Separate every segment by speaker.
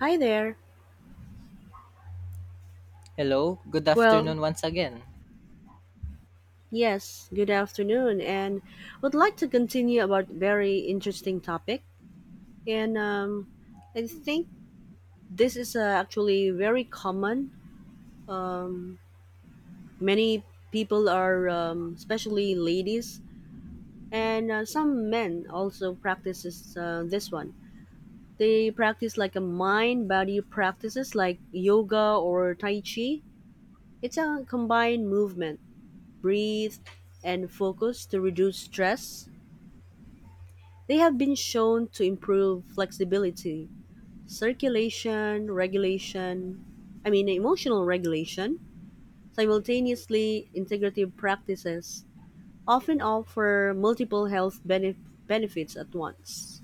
Speaker 1: Hi there.
Speaker 2: Hello, good
Speaker 1: Well,
Speaker 2: afternoon once again.
Speaker 1: yes, good afternoon, and would like to continue about very interesting topic. And I think this is actually very common. Um, Many people are, especially ladies, and some men also practices this one. They practice like a mind body practices like yoga or tai chi. It's a combined movement, breathe, and focus to reduce stress. They have been shown to improve flexibility, circulation, regulation, I mean emotional regulation. Simultaneously, integrative practices often offer multiple benefits at once.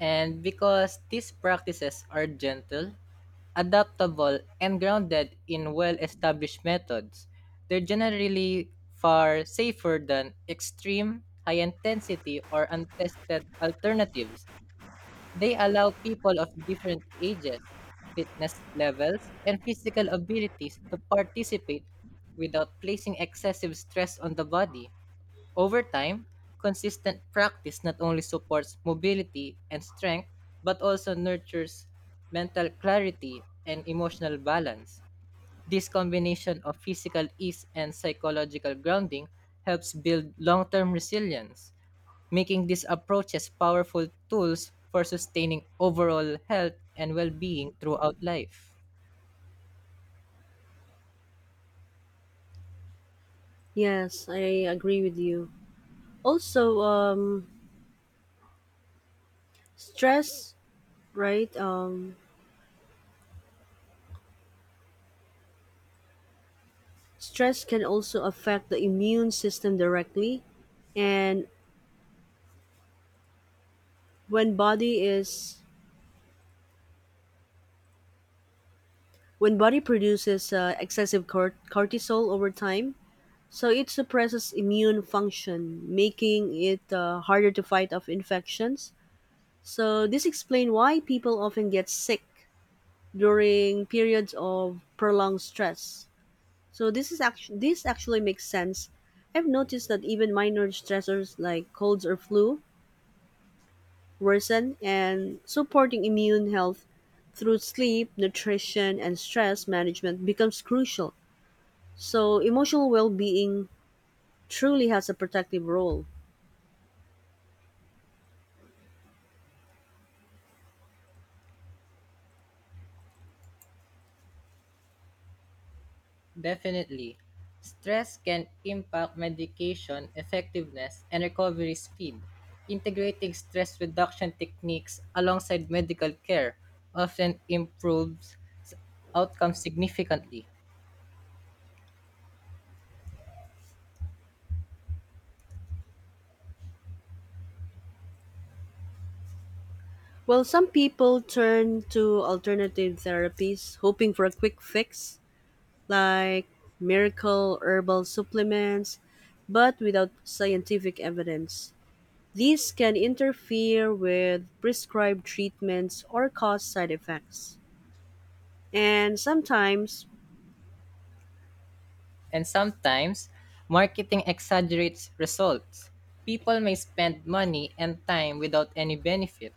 Speaker 2: And because these practices are gentle, adaptable, and grounded in well established methods, they're generally far safer than extreme, high intensity, or untested alternatives. They allow people of different ages, fitness levels, and physical abilities to participate without placing excessive stress on the body. Over time, consistent practice not only supports mobility and strength, but also nurtures mental clarity and emotional balance. This combination of physical ease and psychological grounding helps build long term resilience making these approaches powerful tools for sustaining overall health and well being throughout life.
Speaker 1: Yes, I agree with you. Also, stress, right? Stress can also affect the immune system directly, and when body is when body produces excessive cortisol over time, so it suppresses immune function, making it harder to fight off infections. So this explains why people often get sick during periods of prolonged stress. So this actually makes sense. I've noticed that even minor stressors like colds or flu worsen, and supporting immune health through sleep, nutrition, and stress management becomes crucial. So emotional well-being truly has a protective role.
Speaker 2: Definitely, stress can impact medication effectiveness and recovery speed. Integrating stress reduction techniques alongside medical care often improves outcomes significantly.
Speaker 1: While some people turn to alternative therapies hoping for a quick fix, like miracle herbal supplements, but without scientific evidence. These can interfere with prescribed treatments or cause side effects. And sometimes.
Speaker 2: And sometimes, marketing exaggerates results. People may spend money and time without any benefit,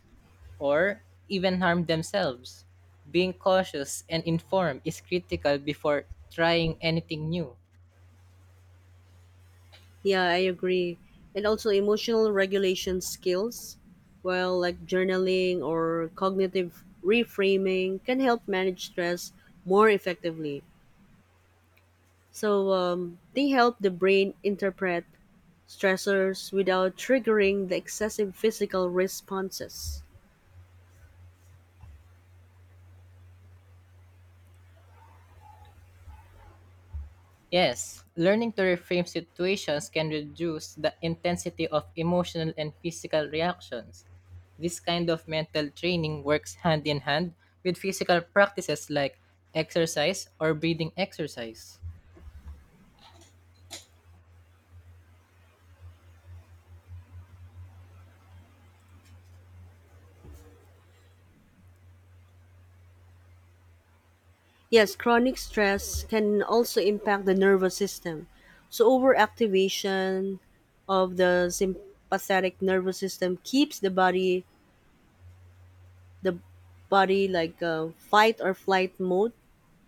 Speaker 2: or even harm themselves. Being cautious and informed is critical before trying anything new.
Speaker 1: Yeah, I agree. And also emotional regulation skills, well, like journaling or cognitive reframing, can help manage stress more effectively. So they help the brain interpret stressors without triggering the excessive physical responses.
Speaker 2: Yes, learning to reframe situations can reduce the intensity of emotional and physical reactions. This kind of mental training works hand in hand with physical practices like exercise or breathing exercise.
Speaker 1: Yes, chronic stress can also impact the nervous system. So overactivation of the sympathetic nervous system keeps the body like a fight or flight mode,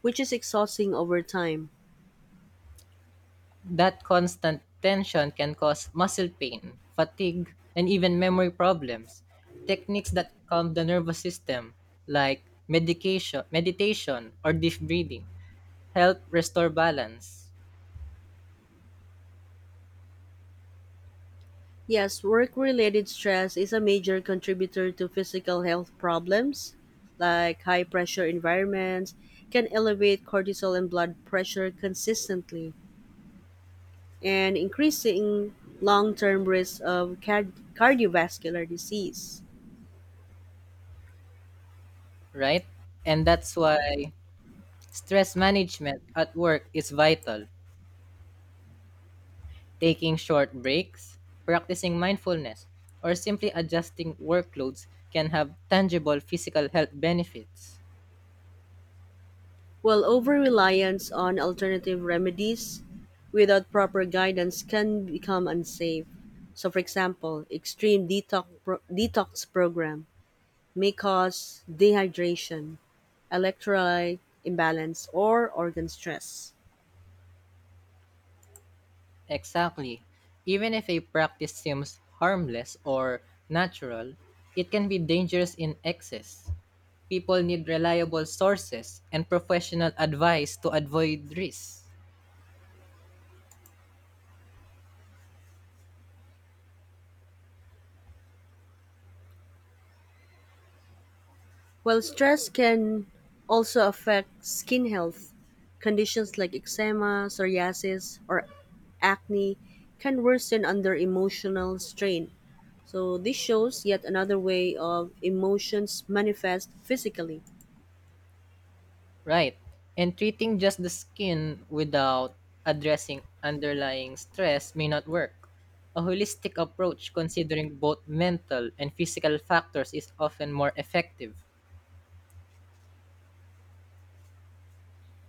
Speaker 1: which is exhausting over time.
Speaker 2: That constant tension can cause muscle pain, fatigue, and even memory problems. Techniques that calm the nervous system, like medication, meditation, or deep breathing, help restore balance,
Speaker 1: Yes, work related stress is a major contributor to physical health problems, like high pressure environments can elevate cortisol and blood pressure consistently, and increasing long term risk of cardiovascular disease.
Speaker 2: right? And that's why stress management at work is vital. Taking short breaks, practicing mindfulness, or simply adjusting workloads can have tangible physical health benefits.
Speaker 1: While over-reliance on alternative remedies without proper guidance can become unsafe. So, for example, extreme detox, detox program may cause dehydration, electrolyte imbalance, or organ stress.
Speaker 2: Exactly. Even if a practice seems harmless or natural, it can be dangerous in excess. People need reliable sources and professional advice to avoid risks.
Speaker 1: While stress can also affect skin health, conditions like eczema, psoriasis, or acne can worsen under emotional strain. So this shows yet another way of emotions manifest physically.
Speaker 2: Right. And treating just the skin without addressing underlying stress may not work. A holistic approach considering both mental and physical factors is often more effective.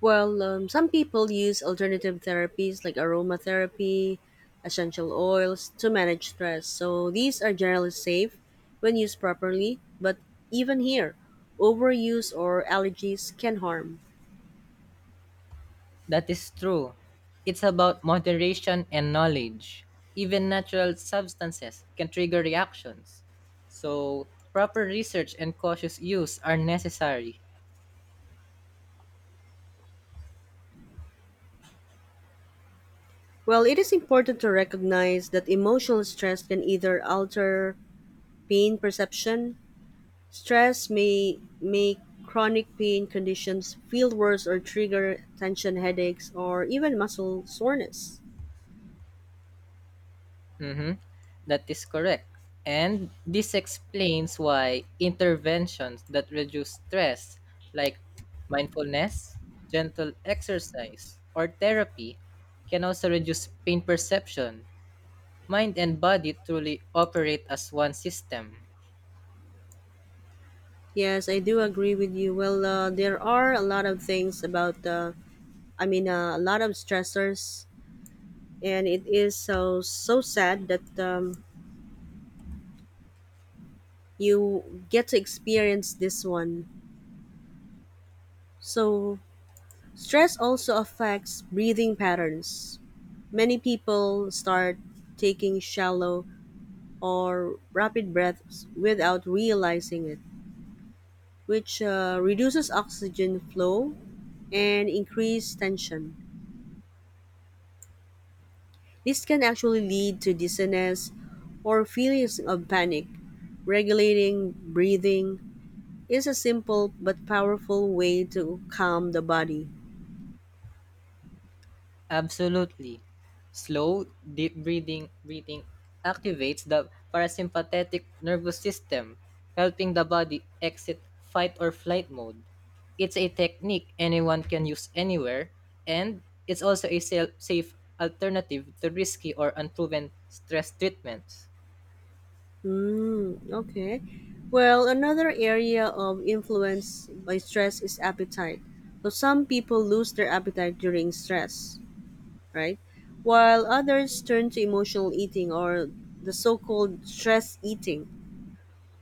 Speaker 1: Well, some people use alternative therapies like aromatherapy, essential oils to manage stress. So these are generally safe when used properly, but even here, overuse or allergies can harm.
Speaker 2: That is true. It's about moderation and knowledge. Even natural substances can trigger reactions. So, proper research and cautious use are necessary.
Speaker 1: Well, it is important to recognize that emotional stress can either alter pain perception. Stress may make chronic pain conditions feel worse or trigger tension headaches or even muscle soreness.
Speaker 2: Mhm. That is correct. And this explains why interventions that reduce stress, like mindfulness, gentle exercise, or therapy, can also reduce pain perception. Mind and body truly operate as one system.
Speaker 1: Yes, I do agree with you. Well, there are a lot of things about, a lot of stressors, and it is so so sad that you get to experience this one. So, stress also affects breathing patterns. Many people start taking shallow or rapid breaths without realizing it, which reduces oxygen flow and increased tension. This can actually lead to dizziness or feelings of panic. Regulating breathing is a simple but powerful way to calm the body.
Speaker 2: Absolutely. Slow, deep breathing activates the parasympathetic nervous system, helping the body exit fight or flight mode. It's a technique anyone can use anywhere, and it's also a safe alternative to risky or unproven stress treatments.
Speaker 1: Mm, okay. Well, another area of influence by stress is appetite. So some people lose their appetite during stress, right? While others turn to emotional eating or the so called stress eating.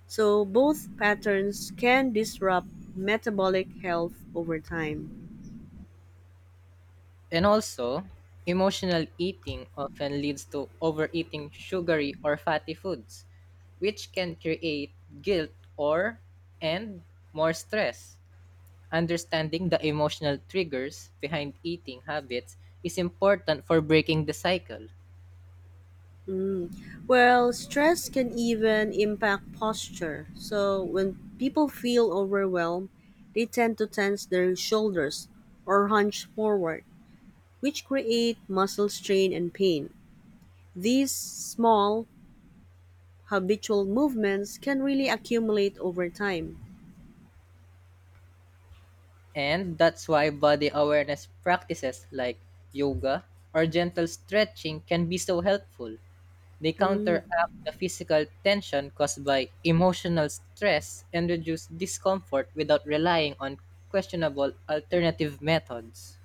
Speaker 1: So both patterns can disrupt metabolic health over time.
Speaker 2: And also, emotional eating often leads to overeating sugary or fatty foods, which can create guilt or and more stress. Understanding the emotional triggers behind eating habits is important for breaking the cycle.
Speaker 1: Well, stress can even impact posture. So when people feel overwhelmed, they tend to tense their shoulders or hunch forward, which create muscle strain and pain. These small habitual movements can really accumulate over time.
Speaker 2: And that's why body awareness practices like yoga or gentle stretching can be so helpful. They
Speaker 1: Hmm.
Speaker 2: counteract the physical tension caused by emotional stress and reduce discomfort without relying on questionable alternative methods.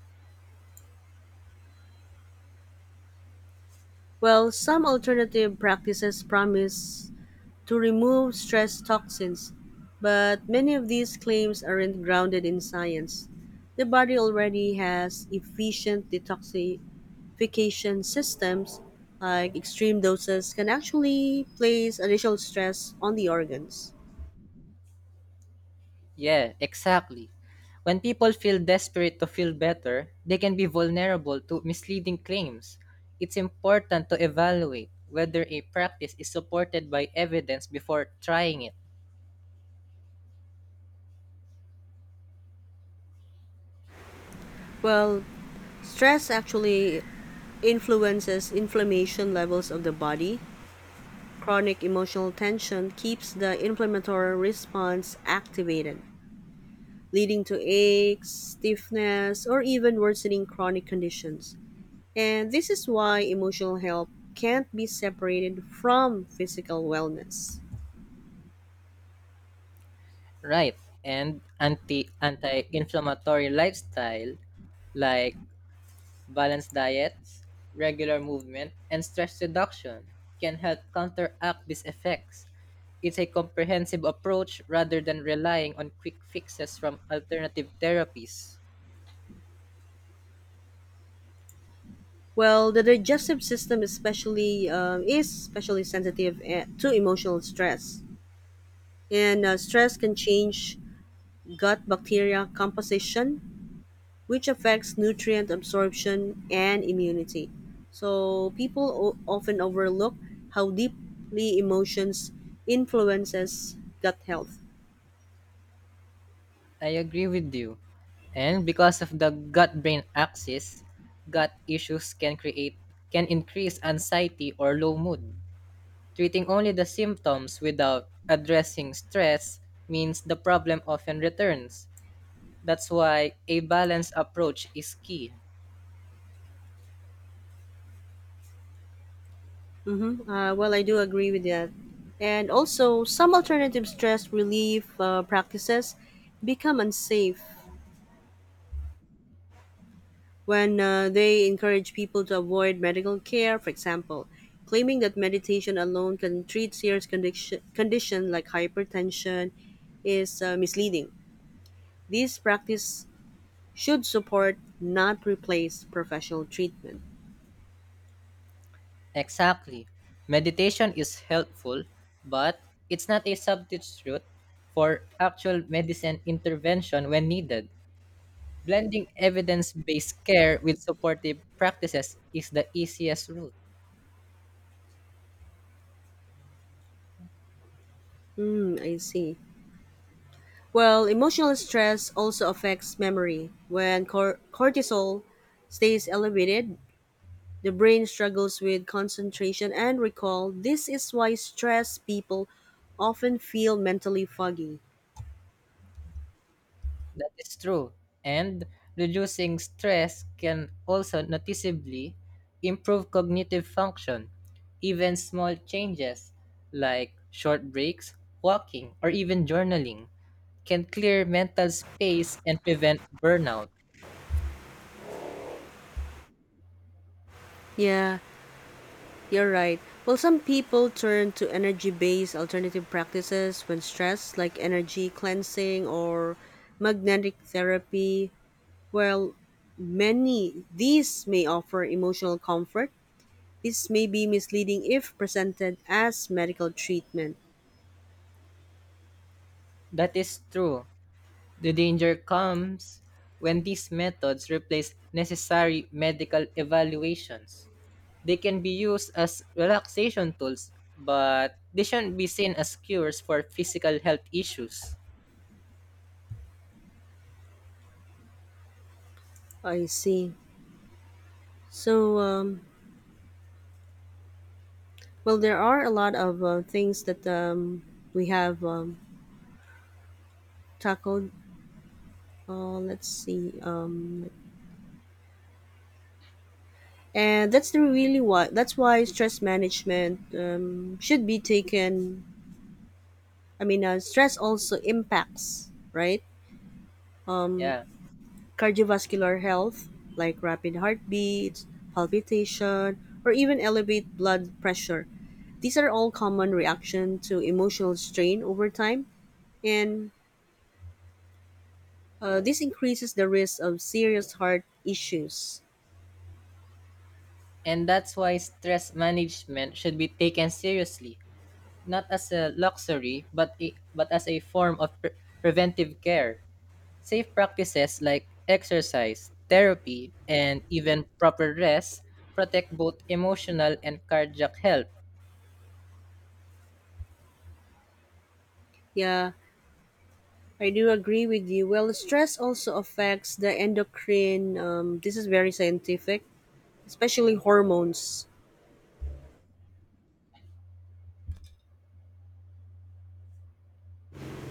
Speaker 1: Well, some alternative practices promise to remove stress toxins, but many of these claims aren't grounded in science. The body already has efficient detoxification systems, like extreme doses can actually place additional stress on the organs.
Speaker 2: Yeah, exactly. When people feel desperate to feel better, they can be vulnerable to misleading claims. It's important to evaluate whether a practice is supported by evidence before trying it.
Speaker 1: Well, stress actually influences inflammation levels of the body. Chronic emotional tension keeps the inflammatory response activated, leading to aches, stiffness, or even worsening chronic conditions. And this is why emotional health can't be separated from physical wellness.
Speaker 2: Right. And anti inflammatory lifestyle like balanced diets, regular movement, and stress reduction can help counteract these effects. It's a comprehensive approach rather than relying on quick fixes from alternative therapies.
Speaker 1: Well, the digestive system especially sensitive, eh, to emotional stress, and stress can change gut bacteria composition, which affects nutrient absorption and immunity. So people often overlook how deeply emotions influences gut health.
Speaker 2: I agree with you. And because of the gut-brain axis, gut issues can create can increase anxiety or low mood. Treating only the symptoms without addressing stress means the problem often returns. That's why a balanced approach is key.
Speaker 1: Mm-hmm. Well, I do agree with that. And also, some alternative stress relief practices become unsafe when they encourage people to avoid medical care, for example, claiming that meditation alone can treat condition like hypertension is misleading. This practice should support, not replace, professional treatment.
Speaker 2: Exactly. Meditation is helpful, but it's not a substitute for actual medicine intervention when needed. Blending evidence based care with supportive practices is the easiest route.
Speaker 1: Hmm, I see. Well, emotional stress also affects memory. When cortisol stays elevated, the brain struggles with concentration and recall. This is why stressed people often feel mentally foggy.
Speaker 2: That is true. And reducing stress can also noticeably improve cognitive function. Even small changes like short breaks, walking, or even journaling can clear mental space and prevent burnout.
Speaker 1: Yeah, you're right. Well, some people turn to energy based alternative practices when stressed, like energy cleansing or magnetic therapy. While many these may offer emotional comfort, this may be misleading if presented as medical treatment.
Speaker 2: That is true. The danger comes when these methods replace necessary medical evaluations. They can be used as relaxation tools, but they shouldn't be seen as cures for physical health issues.
Speaker 1: I see. So, well, there are a lot of things that we have tackled. Let's see. And that's the really why. That's why stress management should be taken. Stress also impacts, right?
Speaker 2: Yeah.
Speaker 1: Cardiovascular health, like rapid heartbeats, palpitation, or even elevated blood pressure. These are all common reaction to emotional strain over time, and this increases the risk of serious heart issues.
Speaker 2: And that's why stress management should be taken seriously, not as a luxury, but as a form of preventive care. Safe practices like exercise, therapy, and even proper rest protect both emotional and cardiac health.
Speaker 1: Yeah, I do agree with you. Well, stress also affects the endocrine. This is very scientific, especially hormones.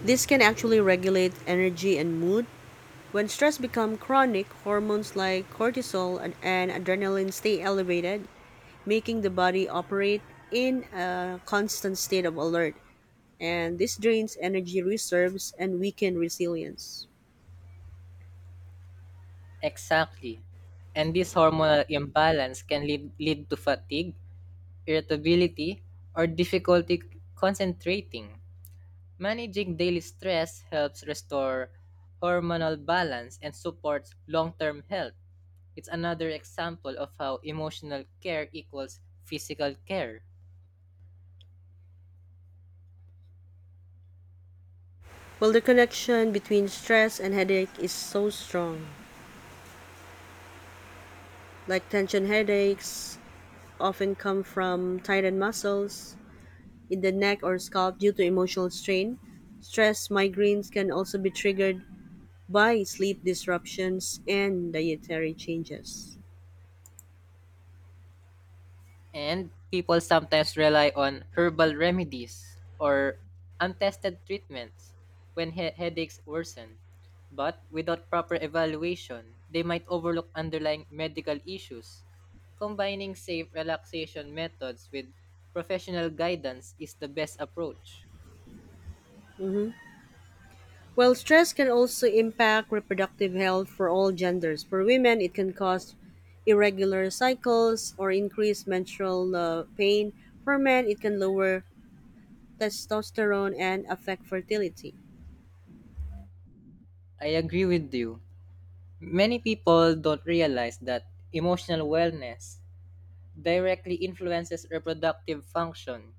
Speaker 1: This can actually regulate energy and mood. When stress becomes chronic, hormones like cortisol and adrenaline stay elevated, making the body operate in a constant state of alert. And this drains energy reserves and weakens resilience.
Speaker 2: Exactly. And this hormonal imbalance can lead to fatigue, irritability, or difficulty concentrating. Managing daily stress helps restore hormonal balance and supports long term health. It's another example of how emotional care equals physical care.
Speaker 1: Well, the connection between stress and headache is so strong. Like tension headaches often come from tightened muscles in the neck or scalp due to emotional strain. Stress migraines can also be triggered by sleep disruptions and dietary changes.
Speaker 2: And people sometimes rely on herbal remedies or untested treatments when headaches worsen. But without proper evaluation, they might overlook underlying medical issues. Combining safe relaxation methods with professional guidance is the best approach.
Speaker 1: Mhm. Well, stress can also impact reproductive health for all genders. For women, it can cause irregular cycles or increased menstrual pain. For men, it can lower testosterone and affect fertility.
Speaker 2: I agree with you. Many people don't realize that emotional wellness directly influences reproductive function.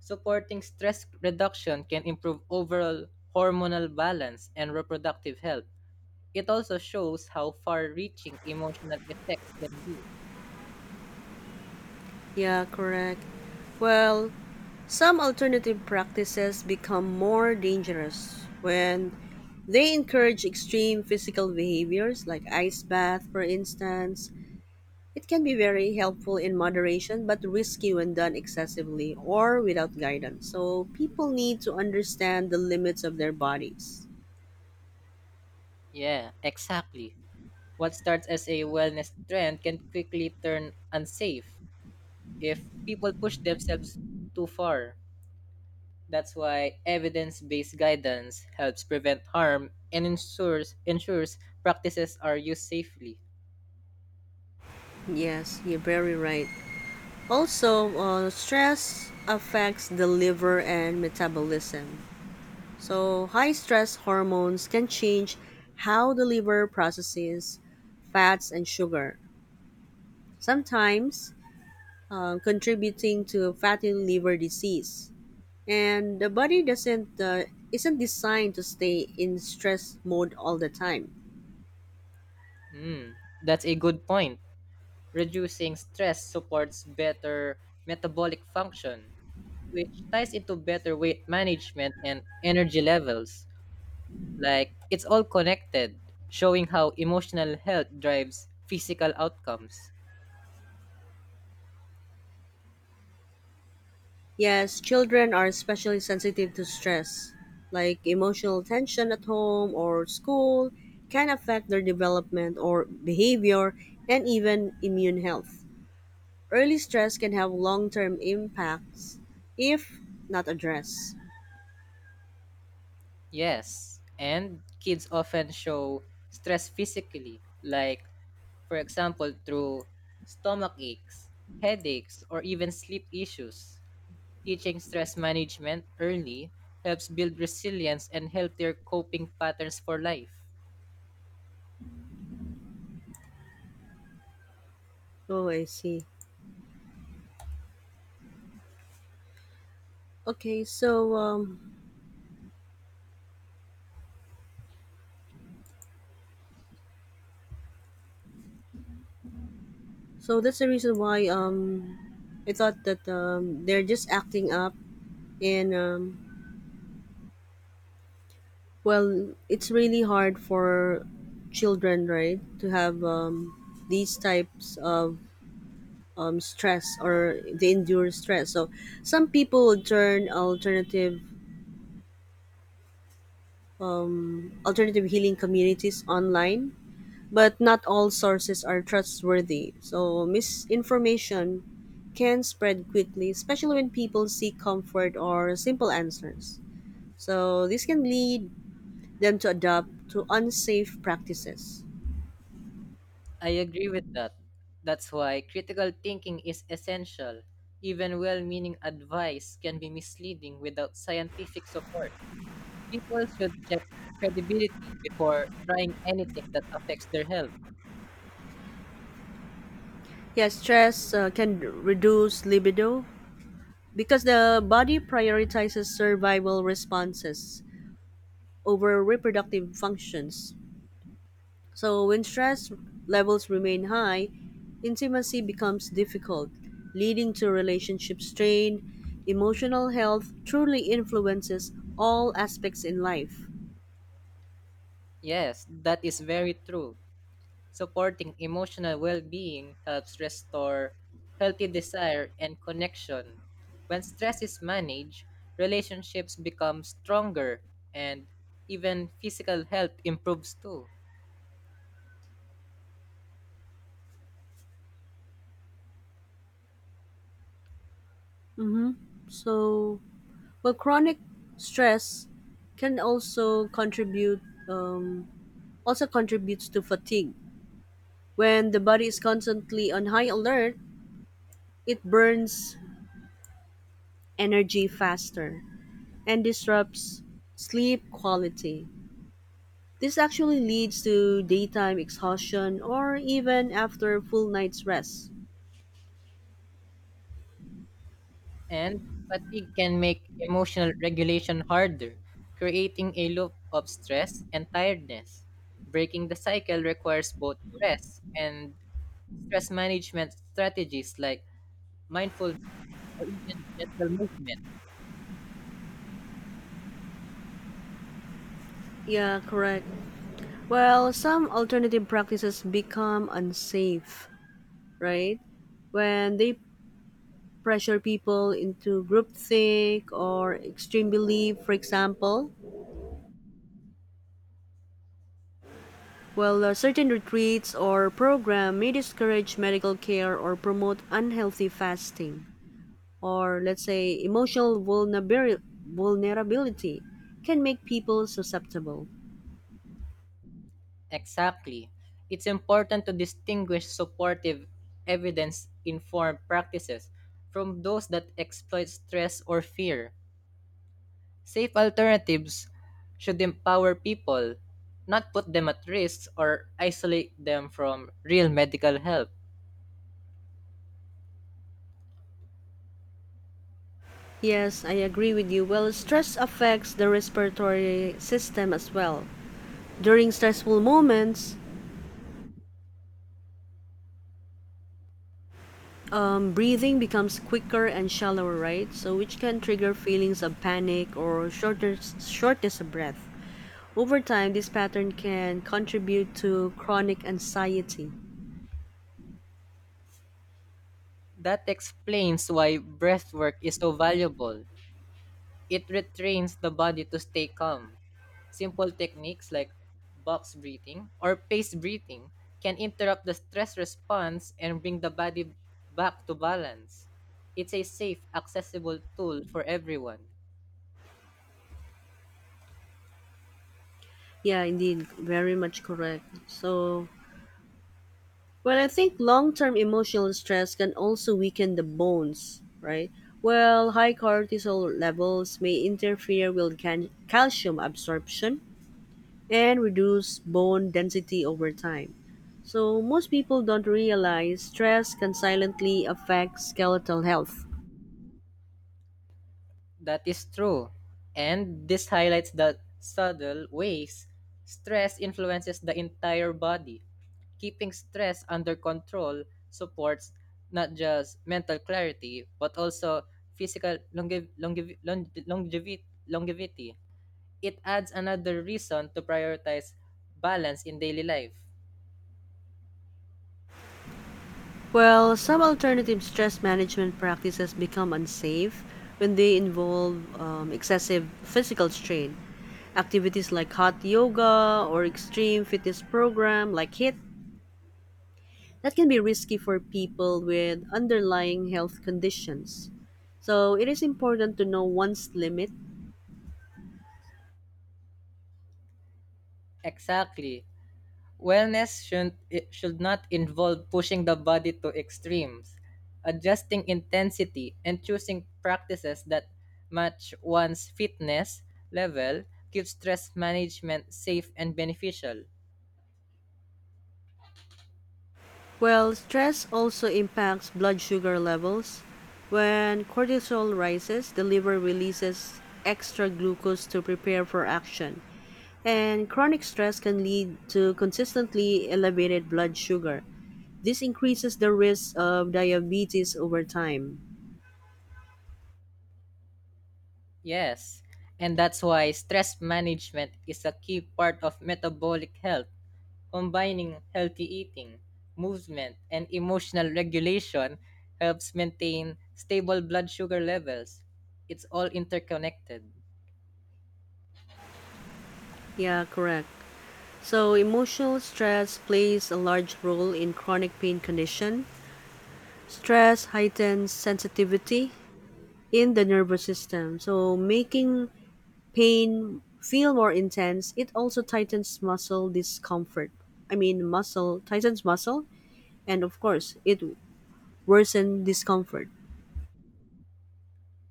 Speaker 2: Supporting stress reduction can improve overall hormonal balance and reproductive health. It also shows how far reaching emotional effects can be.
Speaker 1: Yeah, correct. Well, some alternative practices become more dangerous when they encourage extreme physical behaviors like ice bath, for instance. It can be very helpful in moderation but risky when done excessively or without guidance. So people need to understand the limits of their bodies.
Speaker 2: Yeah, exactly. What starts as a wellness trend can quickly turn unsafe if people push themselves too far. That's why evidence based guidance helps prevent harm and ensures practices are used safely.
Speaker 1: Yes, you're very right. Also, stress affects the liver and metabolism. So, high stress hormones can change how the liver processes fats and sugar, sometimes contributing to fatty liver disease. And the body doesn't isn't designed to stay in stress mode all the time.
Speaker 2: Hmm, that's a good point. Reducing stress supports better metabolic function, which ties into better weight management and energy levels. Like, it's all connected, showing how emotional health drives physical outcomes.
Speaker 1: Yes, children are especially sensitive to stress, like emotional tension at home or school can affect their development or behavior and even immune health. Early stress can have long term impacts if not addressed.
Speaker 2: Yes, and kids often show stress physically, like, for example, through stomach aches, headaches, or even sleep issues. Teaching stress management early helps build resilience and healthier coping patterns for life.
Speaker 1: Oh, I see. Okay, so so that's the reason why I thought that they're just acting up, and well, it's really hard for children, right, to have these types of stress, or they endure stress. So some people turn alternative, alternative healing communities online. But not all sources are trustworthy, so misinformation can spread quickly, especially when people seek comfort or simple answers. So, this can lead them to adopt to unsafe practices.
Speaker 2: I agree with that. That's why critical thinking is essential. Even well meaning advice can be misleading without scientific support. People should check credibility before trying anything that affects their health.
Speaker 1: Yes, stress can reduce libido because the body prioritizes survival responses over reproductive functions. So, when stress levels remain high, intimacy becomes difficult, leading to relationship strain. Emotional health truly influences all aspects in life.
Speaker 2: Yes, that is very true. Supporting emotional well being helps restore healthy desire and connection. When stress is managed, relationships become stronger and even physical health improves too.
Speaker 1: So, but chronic stress can also contribute um, also contributes to fatigue. When the body is constantly on high alert, it burns energy faster and disrupts sleep quality. This actually leads to daytime exhaustion or even after full night's rest.
Speaker 2: And fatigue can make emotional regulation harder, creating a loop of stress and tiredness. Breaking the cycle requires both rest and stress management strategies like mindfulness or even gentle movement.
Speaker 1: Yeah, correct. Well, some alternative practices become unsafe, right? When they pressure people into groupthink or extreme belief, for example. Well, certain retreats or program may discourage medical care or promote unhealthy fasting. Or let's say emotional vulnerability can make people susceptible.
Speaker 2: Exactly. It's important to distinguish supportive, evidence informed practices from those that exploit stress or fear. Safe alternatives should empower people, not put them at risk or isolate them from real medical help.
Speaker 1: Yes, I agree with you. Well, stress affects the respiratory system as well. During stressful moments, breathing becomes quicker and shallower, right? So, which can trigger feelings of panic or shortness of breath. Over time, this pattern can contribute to chronic anxiety.
Speaker 2: That explains why breathwork is so valuable. It retrains the body to stay calm. Simple techniques like box breathing or pace breathing can interrupt the stress response and bring the body back to balance. It's a safe, accessible tool for everyone.
Speaker 1: Yeah, indeed, very much correct. So, but I think long term emotional stress can also weaken the bones, right? Well, high cortisol levels may interfere with calcium absorption and reduce bone density over time. So, most people don't realize stress can silently affect skeletal health.
Speaker 2: That is true. And this highlights the subtle ways stress influences the entire body. Keeping stress under control supports not just mental clarity, but also physical longevity. It adds another reason to prioritize balance in daily life.
Speaker 1: Well, some alternative stress management practices become unsafe when they involve excessive physical strain. Activities like hot yoga or extreme fitness program like HIIT that can be risky for people with underlying health conditions. So it is important to know one's limit.
Speaker 2: Exactly. Wellness should it should not involve pushing the body to extremes, adjusting intensity, and choosing practices that match one's fitness level keeps stress management safe and beneficial.
Speaker 1: Well, stress also impacts blood sugar levels. When cortisol rises, the liver releases extra glucose to prepare for action. And chronic stress can lead to consistently elevated blood sugar. This increases the risk of diabetes over time.
Speaker 2: Yes, and that's why stress management is a key part of metabolic health. Combining healthy eating, movement, and emotional regulation helps maintain stable blood sugar levels. It's all interconnected.
Speaker 1: Yeah, correct. So, emotional stress plays a large role in chronic pain condition. Stress heightens sensitivity in the nervous system. So making pain feel more intense, it also tightens muscle discomfort. I mean muscle Tightens muscle and of course it worsens discomfort.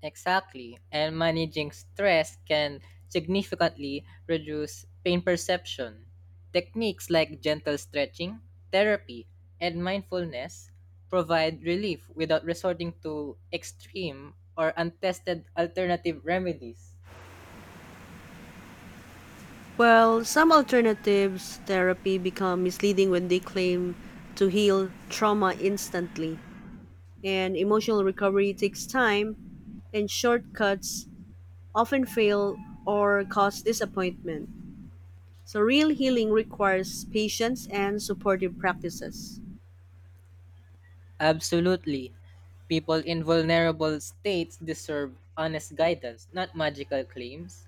Speaker 2: Exactly. And managing stress can significantly reduce pain perception. Techniques like gentle stretching, therapy, and mindfulness provide relief without resorting to extreme or untested alternative remedies.
Speaker 1: Well, some alternatives therapy become misleading when they claim to heal trauma instantly. And emotional recovery takes time, and shortcuts often fail or cause disappointment. So real healing requires patience and supportive practices.
Speaker 2: Absolutely. People in vulnerable states deserve honest guidance, not magical claims.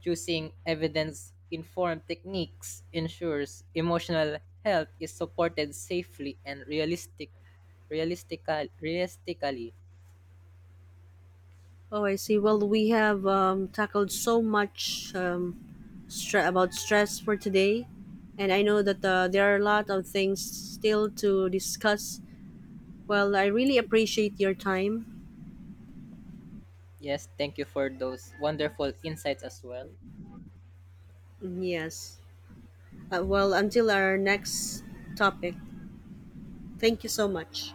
Speaker 2: Choosing evidence informed techniques ensures emotional health is supported safely and realistic realistically.
Speaker 1: Oh, I see. Well, we have tackled so much, about stress for today, and I know that there are a lot of things still to discuss. Well, I really appreciate your time.
Speaker 2: Yes, thank you for those wonderful insights as well.
Speaker 1: Yes. Well, until our next topic, thank you so much.